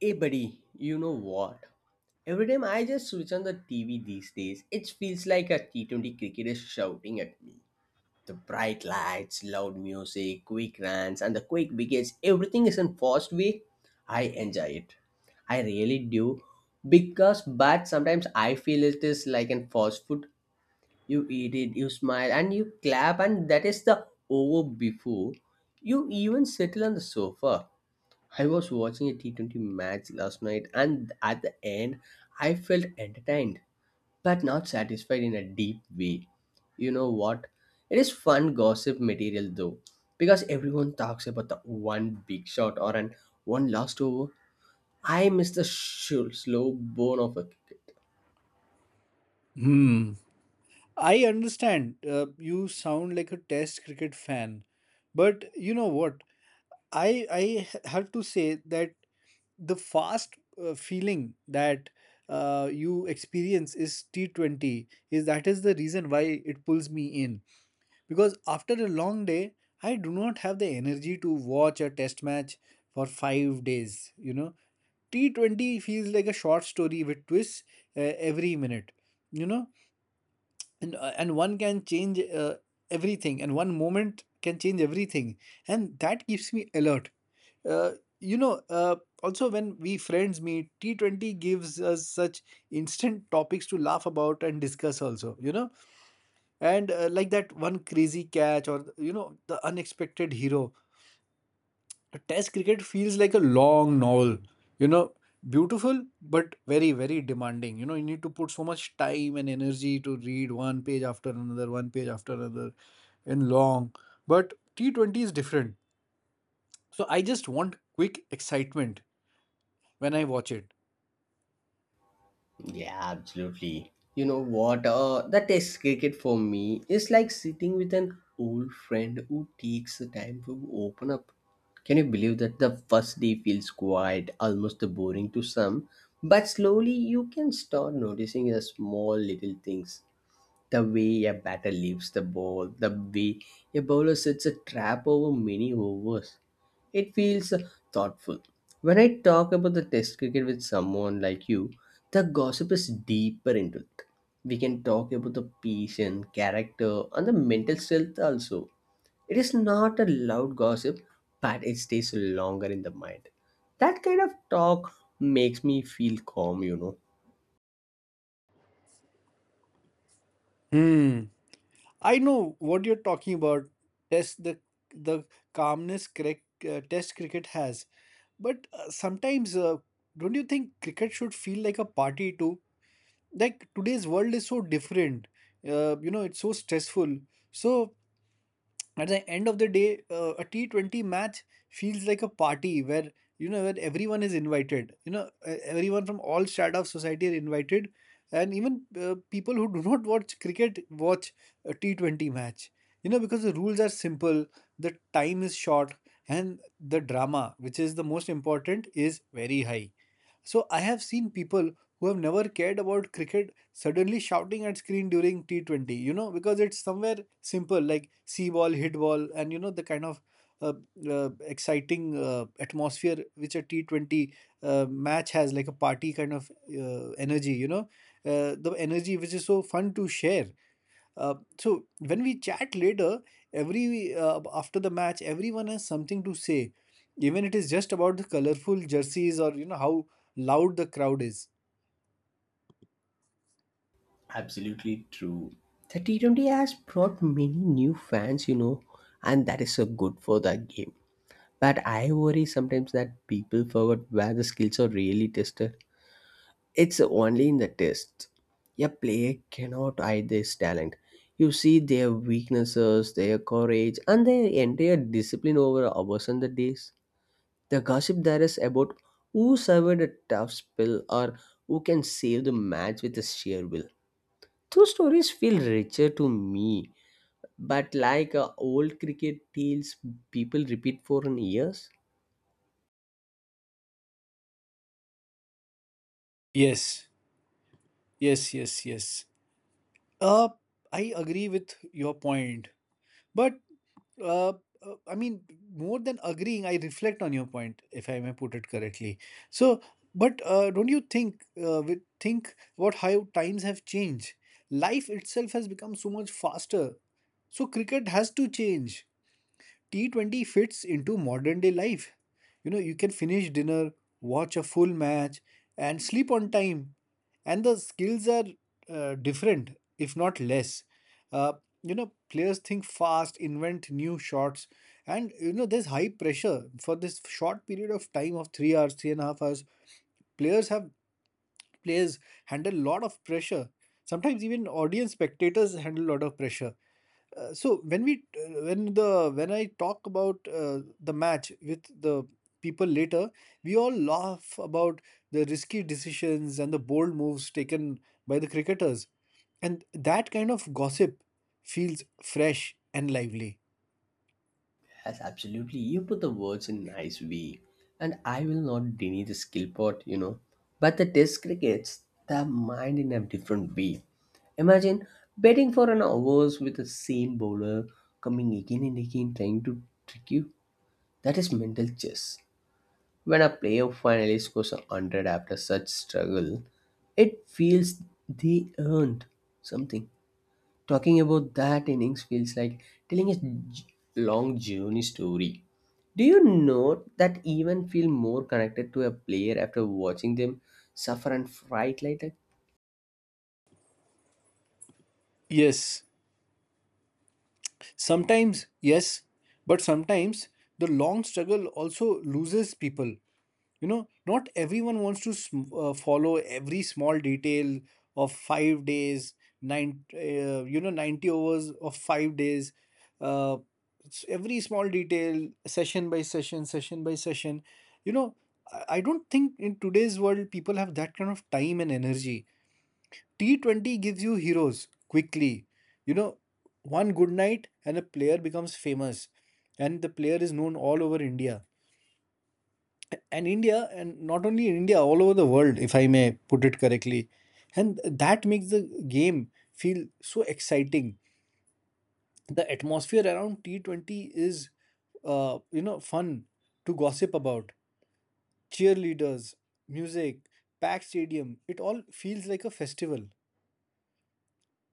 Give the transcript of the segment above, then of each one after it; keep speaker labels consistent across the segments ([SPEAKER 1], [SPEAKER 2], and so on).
[SPEAKER 1] Hey buddy, you know what? Every time I just switch on the TV these days, it feels like a T20 cricket is shouting at me. The bright lights, loud music, quick runs, and the quick wickets, everything is in fast way. I enjoy it. I really do. Because but sometimes I feel it is like in fast food. You eat it, you smile, and you clap, and that is the over before you even settle on the sofa. I was watching a T20 match last night, and at the end, I felt entertained but not satisfied in a deep way. You know what? It is fun gossip material though, because everyone talks about the one big shot or an one last over. I miss the slow bone of a kick.
[SPEAKER 2] Hmm. I understand. You sound like a test cricket fan. But you know what? I have to say that the fast feeling that you experience is T20 is that is the reason why it pulls me in because after a long day I do not have the energy to watch a test match for 5 days. T20 feels like a short story with twists uh, every minute. You know, and one can change everything, and one moment can change everything, and that keeps me alert. uh, you know uh, Also, when we friends meet, T20 gives us such instant topics to laugh about and discuss also, and like that one crazy catch, or the unexpected hero. The test cricket feels like a long novel. You know, beautiful but very, very demanding. You know, you need to put so much time and energy to read one page after another, one page after another, and long. But T20 is different. So I just want quick excitement when I watch it.
[SPEAKER 1] Yeah, absolutely. You know what? The test cricket for me is like sitting with an old friend who takes the time to open up. Can you believe that the first day feels quiet, almost boring to some, but slowly you can start noticing the small little things. The way a batter leaves the ball, the way a bowler sets a trap over many overs, it feels thoughtful. When I talk about the test cricket with someone like you, the gossip is deeper into it. We can talk about the patient, character, and the mental strength also. It is not a loud gossip, but it stays longer in the mind. That kind of talk makes me feel calm, you know.
[SPEAKER 2] Hmm. I know what you're talking about. Test the calmness cricket, test cricket has. But sometimes, don't you think cricket should feel like a party too? Like, today's world is so different, it's so stressful, so at the end of the day a T20 match feels like a party where, where everyone is invited, everyone from all strata of society are invited, and even people who do not watch cricket watch a T20 match, because the rules are simple, the time is short, and the drama, which is the most important, is very high. So I have seen people who have never cared about cricket suddenly shouting at screen during T20, because it's somewhere simple, like see ball, hit ball, and the kind of uh, exciting atmosphere which a T20 match has, like a party kind of energy, the energy which is so fun to share. Uh, so when we chat later, every after the match, everyone has something to say, even it is just about the colorful jerseys or how loud the crowd is.
[SPEAKER 1] Absolutely true. The T20 has brought many new fans, you know, and that is so good for the game. But I worry sometimes that people forget where the skills are really tested. It's only in the tests. A player cannot hide their talent. You see their weaknesses, their courage, and their entire discipline over hours and the days. The gossip there is about who survived a tough spell or who can save the match with a sheer will. Those stories feel richer to me, but like old cricket tales people repeat for years.
[SPEAKER 2] Yes, yes, yes, yes. Uh, I agree with your point, but Uh, I mean, more than agreeing, I reflect on your point, if I may put it correctly. So, but don't you think we think about how times have changed? Life itself has become so much faster. So cricket has to change. T20 fits into modern day life. You know, you can finish dinner, watch a full match, and sleep on time. And the skills are different, if not less. Uh, Players think fast, invent new shots, and there's high pressure for this short period of time of 3 hours, 3.5 hours. Players have Players handle a lot of pressure. Sometimes even audience spectators handle a lot of pressure. So when I talk about the match with the people later, we all laugh about the risky decisions and the bold moves taken by the cricketers, and that kind of gossip feels fresh and lively.
[SPEAKER 1] Yes, absolutely. You put the words in nice way. And I will not deny the skill part, you know. But the test crickets the mind in a different way. Imagine betting for an hours with the same bowler coming again and again trying to trick you. That is mental chess. When a player finally scores a hundred after such struggle, it feels they earned something. Talking about that innings feels like telling a j- long journey story. Do you know that even feel more connected to a player after watching them suffer and fight like that?
[SPEAKER 2] Yes, sometimes yes, but sometimes the long struggle also loses people. Not everyone wants to follow every small detail of 5 days, nine you know 90 hours of 5 days, uh, every small detail, session by session, session by session. You know I I don't think in today's world people have that kind of time and energy. T20 gives you heroes quickly. You know, one good night and a player becomes famous, and the player is known all over India and India, and not only in India, all over the world, if I may put it correctly. And that makes the game feel so exciting. The atmosphere around T20 is, fun to gossip about. Cheerleaders, music, packed stadium, it all feels like a festival.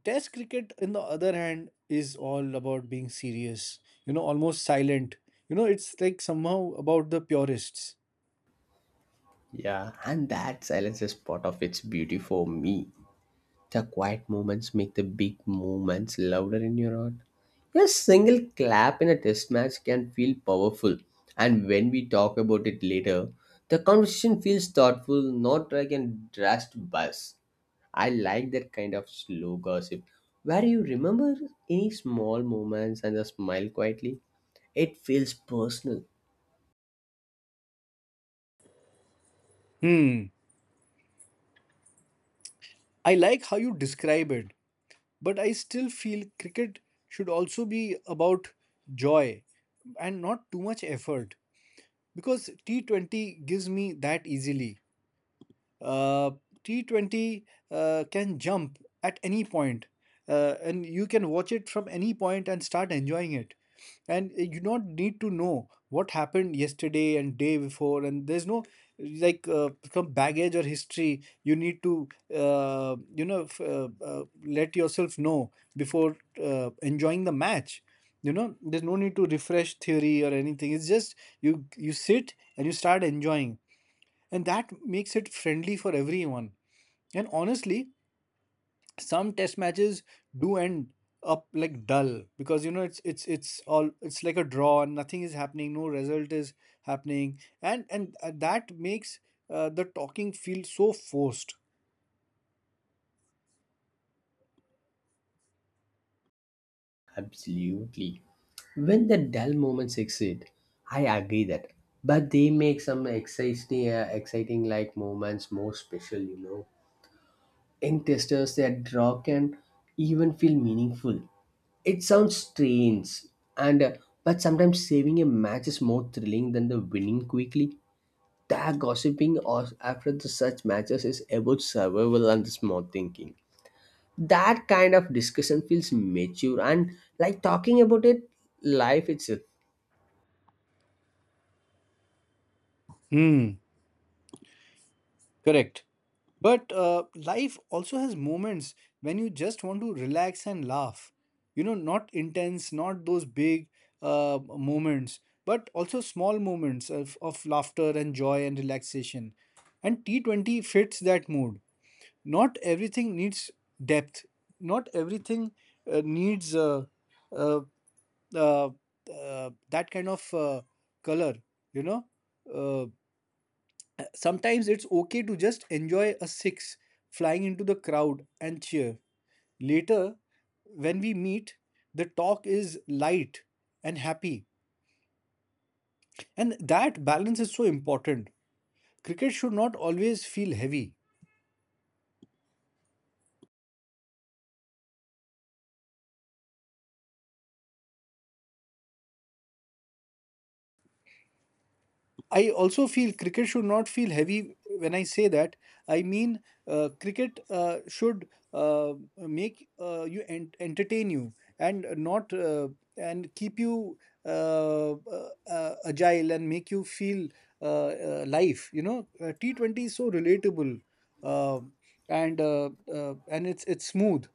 [SPEAKER 2] Test cricket, on the other hand, is all about being serious, almost silent. You know, it's like somehow about the purists.
[SPEAKER 1] Yeah, and that silence is part of its beauty for me. The quiet moments make the big moments louder in your heart. A single clap in a test match can feel powerful, and when we talk about it later, the conversation feels thoughtful, not like a drastic buzz. I like that kind of slow gossip where you remember any small moments and just smile quietly. It feels personal.
[SPEAKER 2] Hmm. I like how you describe it. But I still feel cricket should also be about joy and not too much effort, because T20 gives me that easily. Uh, T20 can jump at any point, and you can watch it from any point and start enjoying it. And you don't need to know what happened yesterday and day before, and there's no like some baggage or history you need to let yourself know before enjoying the match. You know, there's no need to refresh theory or anything. It's just you sit and you start enjoying, and that makes it friendly for everyone. And honestly, some test matches do end up like dull, because it's like a draw and nothing is happening, no result is happening, and that makes the talking feel so forced.
[SPEAKER 1] Absolutely. When the dull moments exist, I agree that. But they make some exciting, exciting moments more special, you know. In testers, their draw can even feel meaningful. It sounds strange, and but sometimes saving a match is more thrilling than the winning quickly. That gossiping or after the such matches is about survival and the smart thinking. That kind of discussion feels mature and like talking about it life itself.
[SPEAKER 2] Hmm. Correct. But life also has moments when you just want to relax and laugh. You know, not intense, not those big moments, but also small moments of laughter and joy and relaxation. And T20 fits that mood. Not everything needs depth, not everything needs uh, uh, that kind of color, you know. Uh, Sometimes it's okay to just enjoy a six flying into the crowd and cheer. Later, when we meet, the talk is light and happy. And that balance is so important. Cricket should not always feel heavy. I also feel cricket should not feel heavy when I say that. I mean, cricket should make you entertain you, and not, and keep you agile, and make you feel uh, life. You know, T20 is so relatable, uh, and it's smooth.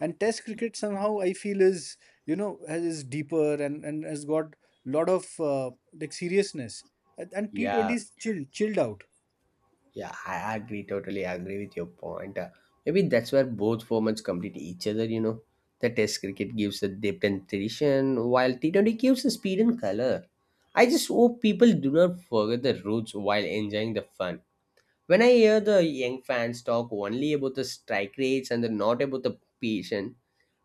[SPEAKER 2] And Test cricket, somehow I feel, is is deeper, and has got lot of like seriousness, and
[SPEAKER 1] Yeah,
[SPEAKER 2] T20 is chilled out.
[SPEAKER 1] yeah, I agree, totally agree with your point. Maybe that's where both formats complete each other, you know. The test cricket gives the depth and tradition, while T20 gives the speed and color. I just hope people do not forget the roots while enjoying the fun. When I hear the young fans talk only about the strike rates and the not about the patient,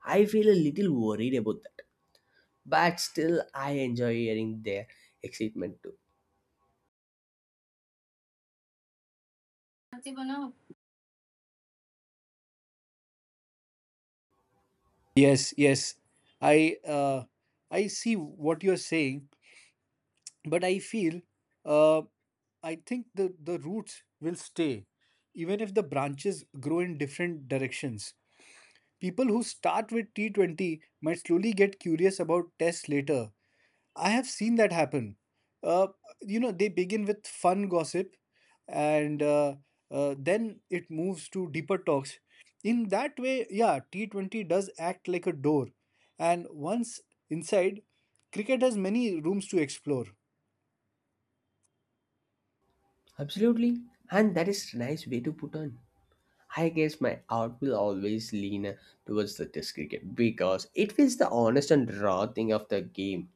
[SPEAKER 1] I feel a little worried about that. But still, I enjoy hearing their excitement too.
[SPEAKER 2] Yes, yes. I uh, I see what you're saying, but uh, I think the roots will stay, even if the branches grow in different directions. People who start with T20 might slowly get curious about tests later. I have seen that happen. Uh, they begin with fun gossip, and then it moves to deeper talks. In that way, yeah, T20 does act like a door. And once inside, cricket has many rooms to explore.
[SPEAKER 1] Absolutely. And that is a nice way to put on. I guess my heart will always lean towards the test cricket because it feels the honest and raw thing of the game.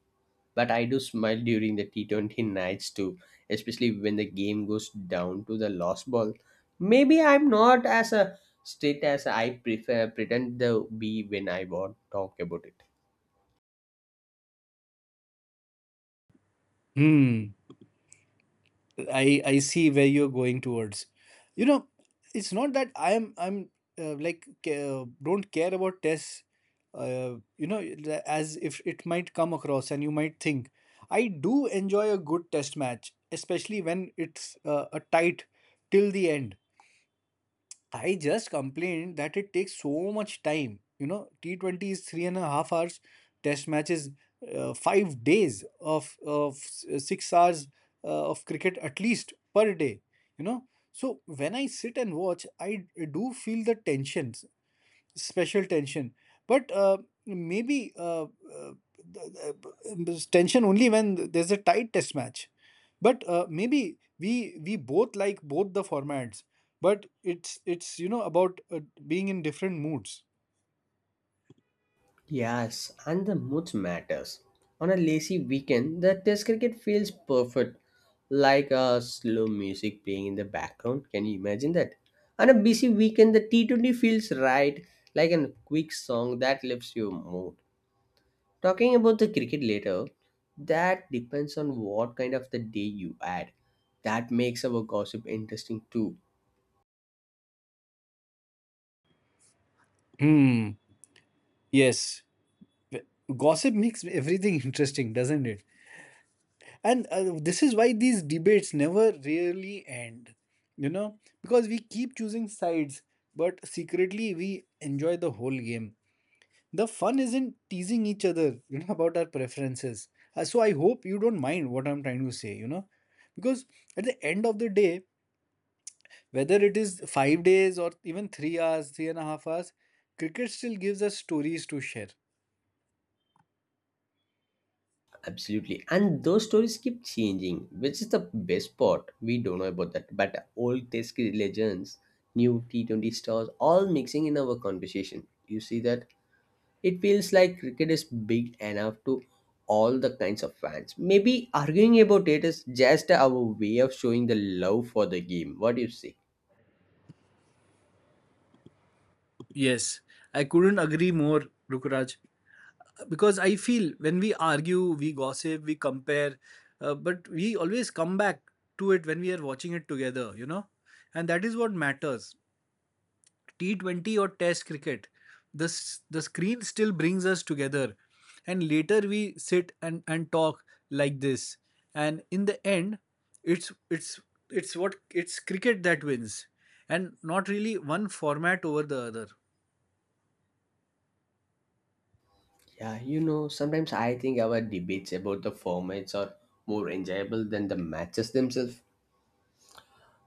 [SPEAKER 1] But I do smile during the T20 nights too, especially when the game goes down to the lost ball. Maybe I'm not as a strict as I prefer pretend to be when I want talk about it.
[SPEAKER 2] Hmm. I see where you're going towards. You know, it's not that don't care about tests. Uh, you know, as if it might come across, and you might think I do enjoy a good test match, especially when it's a tight till the end. I just complained that it takes so much time. You know, T20 is 3.5 hours, test matches, 5 days of 6 hours of cricket at least per day. You know, so when I sit and watch, I do feel the tension, special tension, but maybe th- th- tension only when there's a tight test match, but maybe we both like both the formats, but it's about being in different moods.
[SPEAKER 1] Yes, and the moods matters. On a lazy weekend, the test cricket feels perfect, like a slow music playing in the background. Can you imagine that? On a busy weekend, the T20 feels right, like a quick song that lifts your mood. Talking about the cricket later, that depends on what kind of the day you add. That makes our gossip interesting too.
[SPEAKER 2] Hmm. Yes. Gossip makes everything interesting, doesn't it? And this is why these debates never really end, because we keep choosing sides, but secretly we enjoy the whole game. The fun is not teasing each other about our preferences. So I hope you don't mind what I'm trying to say, because at the end of the day, whether it is 5 days or even 3 hours, 3.5 hours, cricket still gives us stories to share.
[SPEAKER 1] Absolutely. And those stories keep changing, which is the best part. We don't know about that. But old Test cricket legends, new T20 stars, all mixing in our conversation. You see that? It feels like cricket is big enough to all the kinds of fans. Maybe arguing about it is just our way of showing the love for the game. What do you say?
[SPEAKER 2] Yes, I couldn't agree more, Rukraj, because I feel when we argue, we gossip, we compare, but we always come back to it when we are watching it together, and that is what matters. T20 or Test cricket, the the screen still brings us together, and later we sit and talk like this, and in the end, it's it's it's cricket that wins, and not really one format over the other.
[SPEAKER 1] Yeah, you know, sometimes I think our debates about the formats are more enjoyable than the matches themselves.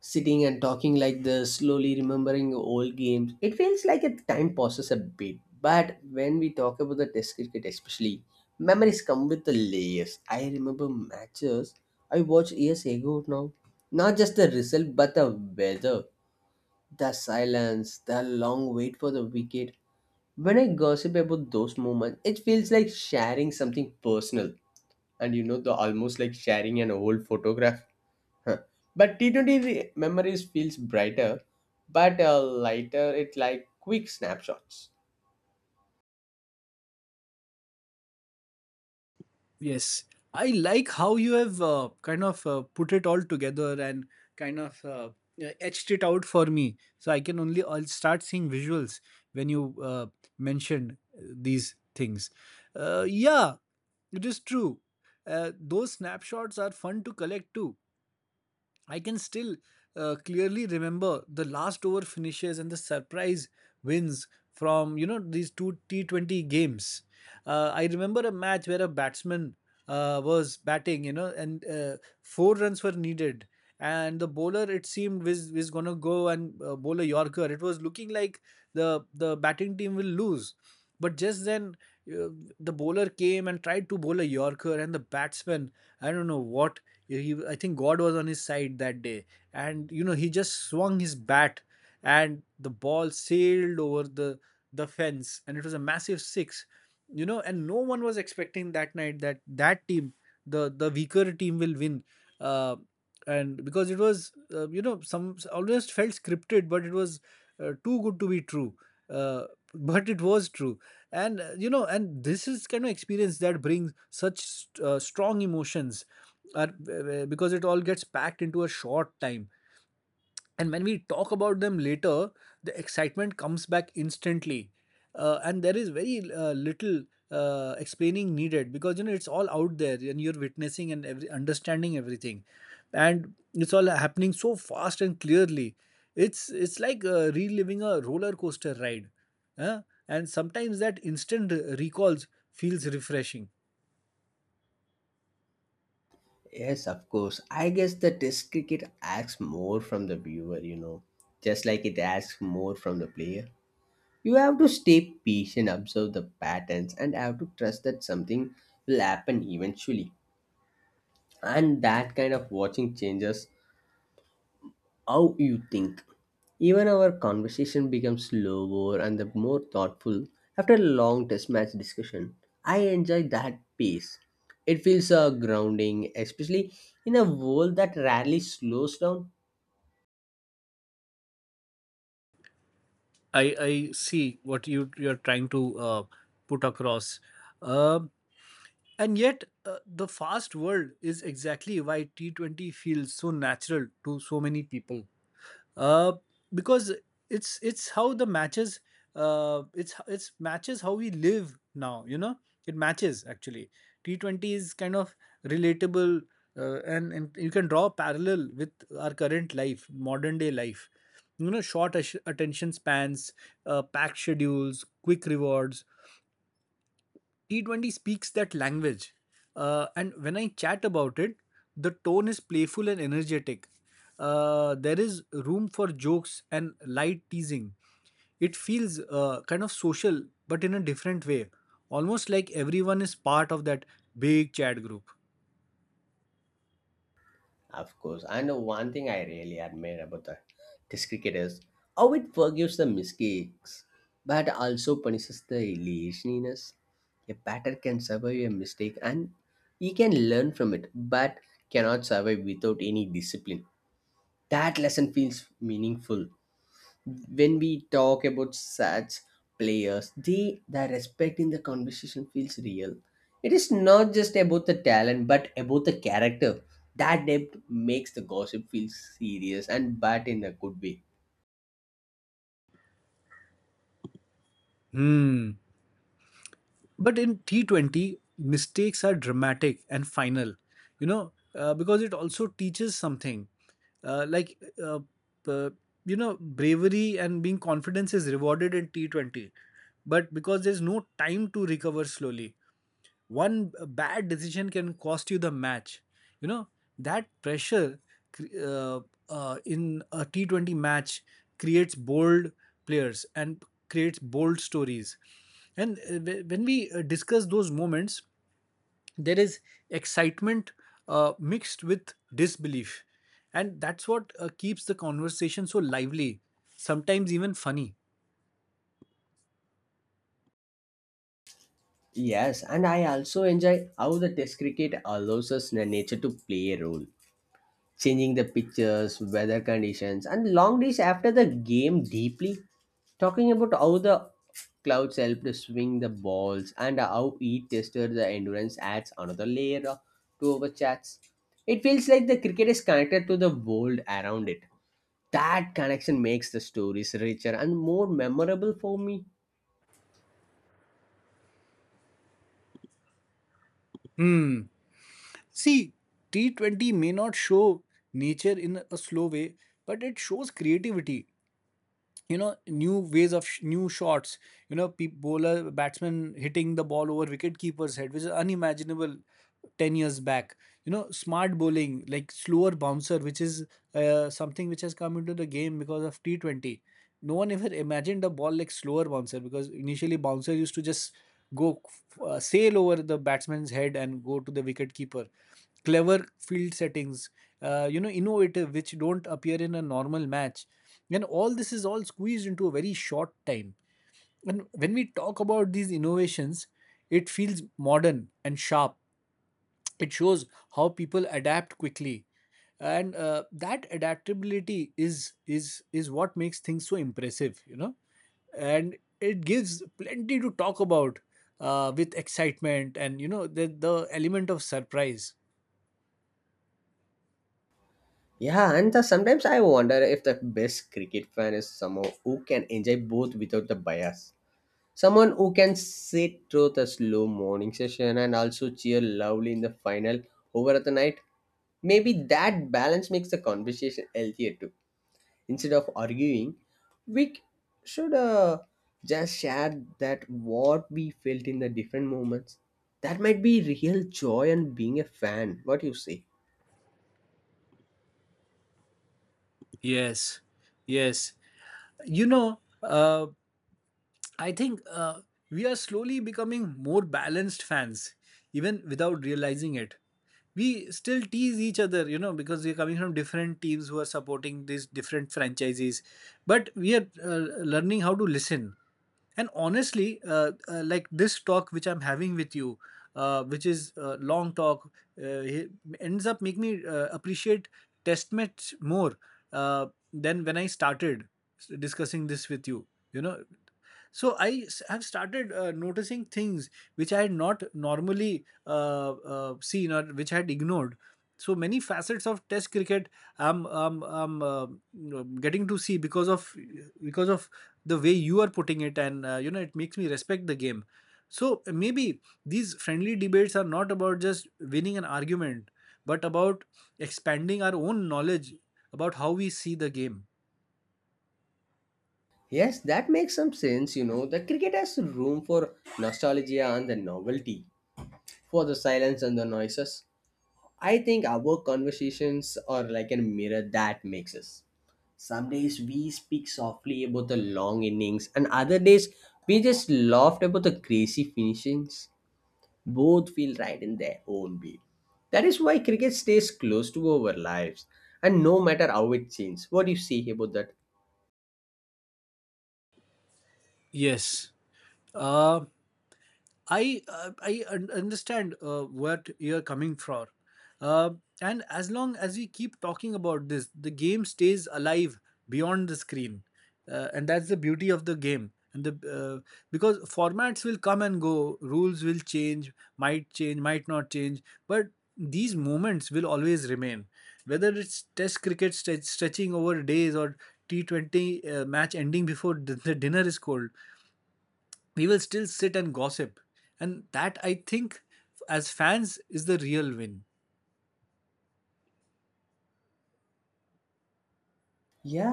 [SPEAKER 1] Sitting and talking like this, slowly remembering old games, it feels like a time passes a bit. But when we talk about the test cricket, especially, memories come with the layers. I remember matches I watched years ago now. Not just the result, but the weather, the silence, the long wait for the wicket. When I gossip about those moments, it feels like sharing something personal and you know the almost like sharing an old photograph. Huh. But memories feels brighter, but lighter. It like quick snapshots.
[SPEAKER 2] Yes, I like how you have kind of put it all together, and kind of etched it out for me. So I can only I'll start seeing visuals when you mentioned these things. Yeah, it is true. Those snapshots are fun to collect too. I can still clearly remember the last over finishes and the surprise wins from these two T20 games. I remember a match where a batsman was batting, you know, and 4 runs were needed, and the bowler it seemed was gonna go and bowl a Yorker. It was looking like the batting team will lose, but just then uh, the bowler came and tried to bowl a Yorker, and the batsman I don't know what he, I think god was on his side that day, and you know he just swung his bat and the ball sailed over the fence, and it was a massive six. You know, and no one was expecting that night that that team the weaker team will win. uh, and because it was, you know, some almost felt scripted, but it was too good to be true. uh, but it was true. And uh, you know and this is kind of experience that brings such strong emotions are because it all gets packed into a short time, and when we talk about them later the excitement comes back instantly. And there is very little explaining needed, because you know it's all out there and you're witnessing and every, understanding everything, and it's all happening so fast and clearly. It's it's like reliving a roller coaster ride, huh? And sometimes that instant recalls feels refreshing.
[SPEAKER 1] Yes, of course. I guess the test cricket asks more from the viewer, you know, just like it asks more from the player. You have to stay patient, observe the patterns, and have to trust that something will happen eventually. And that kind of watching changes how you think. Even our conversation becomes slower and the more thoughtful after a long test match discussion. I enjoy that pace. It feels grounding, especially in a world that rarely slows down.
[SPEAKER 2] I see what you're trying to uh, put across. Um and yet the fast world is exactly why T T20 feels so natural to so many people, uh, because it's how the matches it's matches how we live now, you know. It matches actually, T20 is kind of relatable. And you can draw a parallel with our current life, modern day life, you know. Short ash- attention spans, packed schedules, quick rewards. T20 speaks that language. And when I chat about it, the tone is playful and energetic. There is room for jokes and light teasing. It feels kind of social, but in a different way, almost like everyone is part of that big chat group.
[SPEAKER 1] Of course. And one thing I really admire about the test cricket is how it forgives the mistakes but also punishes the laziness. A batter can survive a mistake and he can learn from it but cannot survive without any discipline. That lesson feels meaningful when we talk about such players, they the respect in the conversation feels real. It is not just about the talent, but about the character. That depth makes the gossip feel serious and bad in a good way.
[SPEAKER 2] Hmm. But in T20, mistakes are dramatic and final, you know, because it also teaches something. Uh, like, uh, uh, you know, bravery and being confidence is rewarded in T20, but because there's no time to recover slowly, one bad decision can cost you the match, you know. That pressure uh, in a T20 match creates bold players and creates bold stories. And When we discuss those moments, there is excitement mixed with disbelief, and that's what keeps the conversation so lively, sometimes even funny.
[SPEAKER 1] Yes, and I also enjoy how the test cricket allows us nature to play a role. Changing the pitches, weather conditions, and long days after the game deeply. Talking about how the clouds helped swing the balls and how each tested the endurance adds another layer to our chats. It feels like the cricket is connected to the world around it. That connection makes the stories richer and more memorable for me.
[SPEAKER 2] See, T20 may not show nature in a slow way, but it shows creativity, you know, new ways of new shots, you know, bowler batsmen hitting the ball over wicket keeper's head which is unimaginable 10 years back. You know, smart bowling like slower bouncer, which is something which has come into the game because of T20. No one ever imagined a ball like slower bouncer, because initially bouncer used to just go sail over the batsman's head and go to the wicket keeper. Clever field settings, you know, innovative, which don't appear in a normal match, and all this is all squeezed into a very short time. And when we talk about these innovations, it feels modern and sharp. It shows how people adapt quickly, and that adaptability is what makes things so impressive, you know, and it gives plenty to talk about, with excitement and, you know, the element of surprise.
[SPEAKER 1] Yeah, and the, sometimes I wonder if the best cricket fan is someone who can enjoy both without the bias. Someone who can sit through the slow morning session and also cheer loudly in the final over at the night. Maybe that balance makes the conversation healthier too. Instead of arguing, we c- should just share that what we felt in the different moments. That might be real joy and being a fan. What you say?
[SPEAKER 2] Yes, yes. You know, I think we are slowly becoming more balanced fans, even without realizing it. We still tease each other, you know, because we're coming from different teams who are supporting these different franchises. But we are learning how to listen. And honestly, like this talk which I'm having with you, which is long talk, it ends up making me appreciate test match more uh, than when I started discussing this with you. You know, so have started noticing things which I had not normally seen, or which I had ignored. So many facets of Test cricket I'm you know, getting to see because of because of the way you are putting it, and you know it makes me respect the game. So maybe these friendly debates are not about just winning an argument, but about expanding our own knowledge about how we see the game.
[SPEAKER 1] Yes, that makes some sense. You know, the cricket has room for nostalgia and the novelty, for the silence and the noises. I think our conversations are like a mirror that makes us. Some days we speak softly about the long innings, and other days we just laughed about the crazy finishings. Both feel right in their own way. That is why cricket stays close to our lives, and no matter how it changes. What do you say about that?
[SPEAKER 2] Yes. Um I understand what you're coming from, uh, and as long as we keep talking about this, the game stays alive beyond the screen, and that's the beauty of the game. And the Because formats will come and go, rules will change, might not change, but these moments will always remain. Whether it's Test cricket stretch, stretching over days, or T T20 match ending before the dinner is cold, we will still sit and gossip. And that, I think, as fans, is the real win.
[SPEAKER 1] Yeah,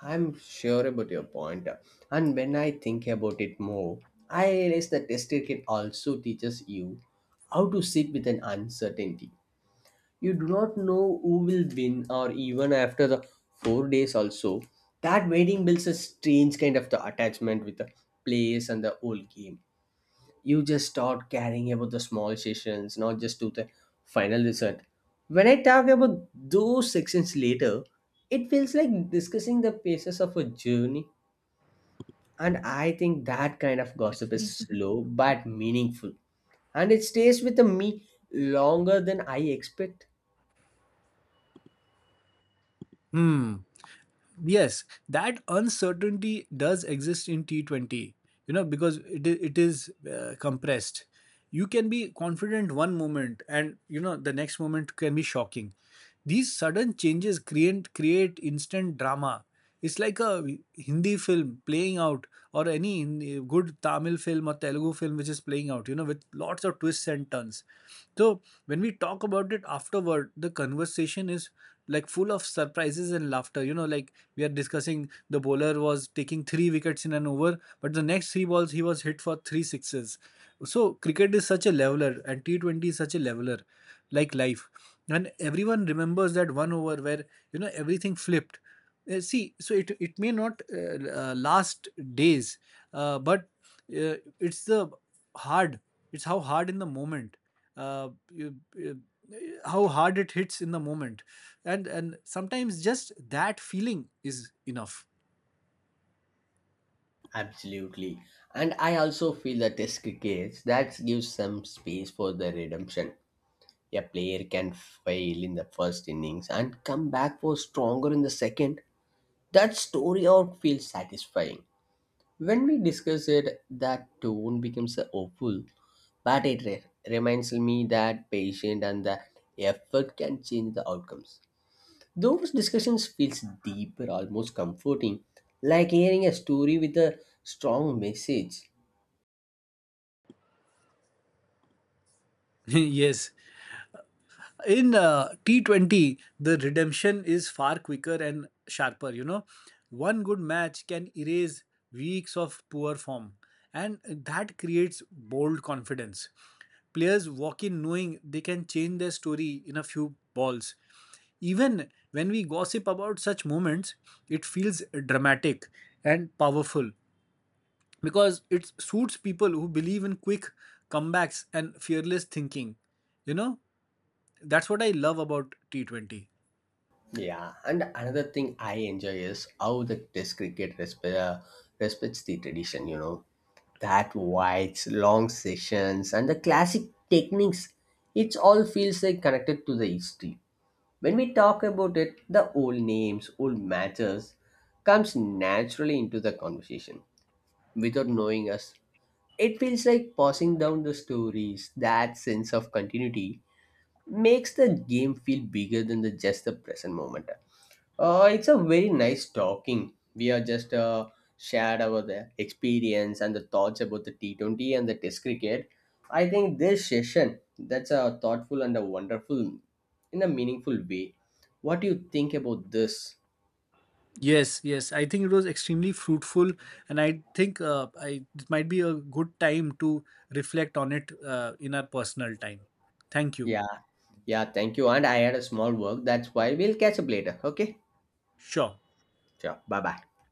[SPEAKER 1] I'm sure about your point. And when I think about it more, I realize that test cricket also teaches you how to sit with an uncertainty. You do not know who will win or even after the 4 days also. That waiting builds a strange kind of the attachment with the place and the whole game. You just start caring about the small sessions, not just to the final result. When I talk about those sections later, it feels like discussing the phases of a journey. And I think that kind of gossip is slow but meaningful and it stays with me longer than I expect.
[SPEAKER 2] Hmm. Yes, that uncertainty does exist in T20, you know, because it is compressed. You can be confident one moment, and, you know, the next moment can be shocking. These sudden changes create instant drama. It's like a Hindi film playing out, or any good Tamil film or Telugu film which is playing out, you know, with lots of twists and turns. So when we talk about it afterward, the conversation is like full of surprises and laughter. You know, like we are discussing, the bowler was taking 3 wickets in an over, but the next 3 balls he was hit for 3 sixes. So cricket is such a leveler, and T20 is such a leveler, like life. And everyone remembers that one over where, you know, everything flipped. See, so it may not last days, but it's the hard it's how hard in the moment uh, you, you- how hard it hits in the moment, and sometimes just that feeling is enough.
[SPEAKER 1] Absolutely. And I also feel the test crickets that gives some space for the redemption. A player can fail in the first innings and come back for stronger in the second. That story arc feels satisfying. When we discuss it, that tone becomes so hopeful, but reminds me that patience and the effort can change the outcomes. Those discussions feels deeper, almost comforting, like hearing a story with a strong message.
[SPEAKER 2] Yes, in T20 the redemption is far quicker and sharper, you know. One good match can erase weeks of poor form, and that creates bold confidence. Players walk in knowing they can change their story in a few balls. Even when we gossip about such moments, it feels dramatic and powerful, because it suits people who believe in quick comebacks and fearless thinking. You know, that's what I love about T20.
[SPEAKER 1] Yeah, and another thing I enjoy is how the Test cricket respects the tradition, you know, that wides, long sessions, and the classic techniques. It all feels like connected to the history. When we talk about it, the old names, old matches comes naturally into the conversation without knowing us. It feels like passing down the stories, that sense of continuity makes the game feel bigger than the, just the present moment. It's a very nice talking. We are just shared our the experience and the thoughts about the T20 and the Test cricket. I think this session that's a thoughtful and a wonderful, in a meaningful way. What do you think about this?
[SPEAKER 2] Yes, yes. I think it was extremely fruitful, and I think, it might be a good time to reflect on it in our personal time. Thank you.
[SPEAKER 1] Yeah, yeah. Thank you. And I had a small work. That's why we'll catch up later. Okay.
[SPEAKER 2] Sure.
[SPEAKER 1] Sure. Bye bye.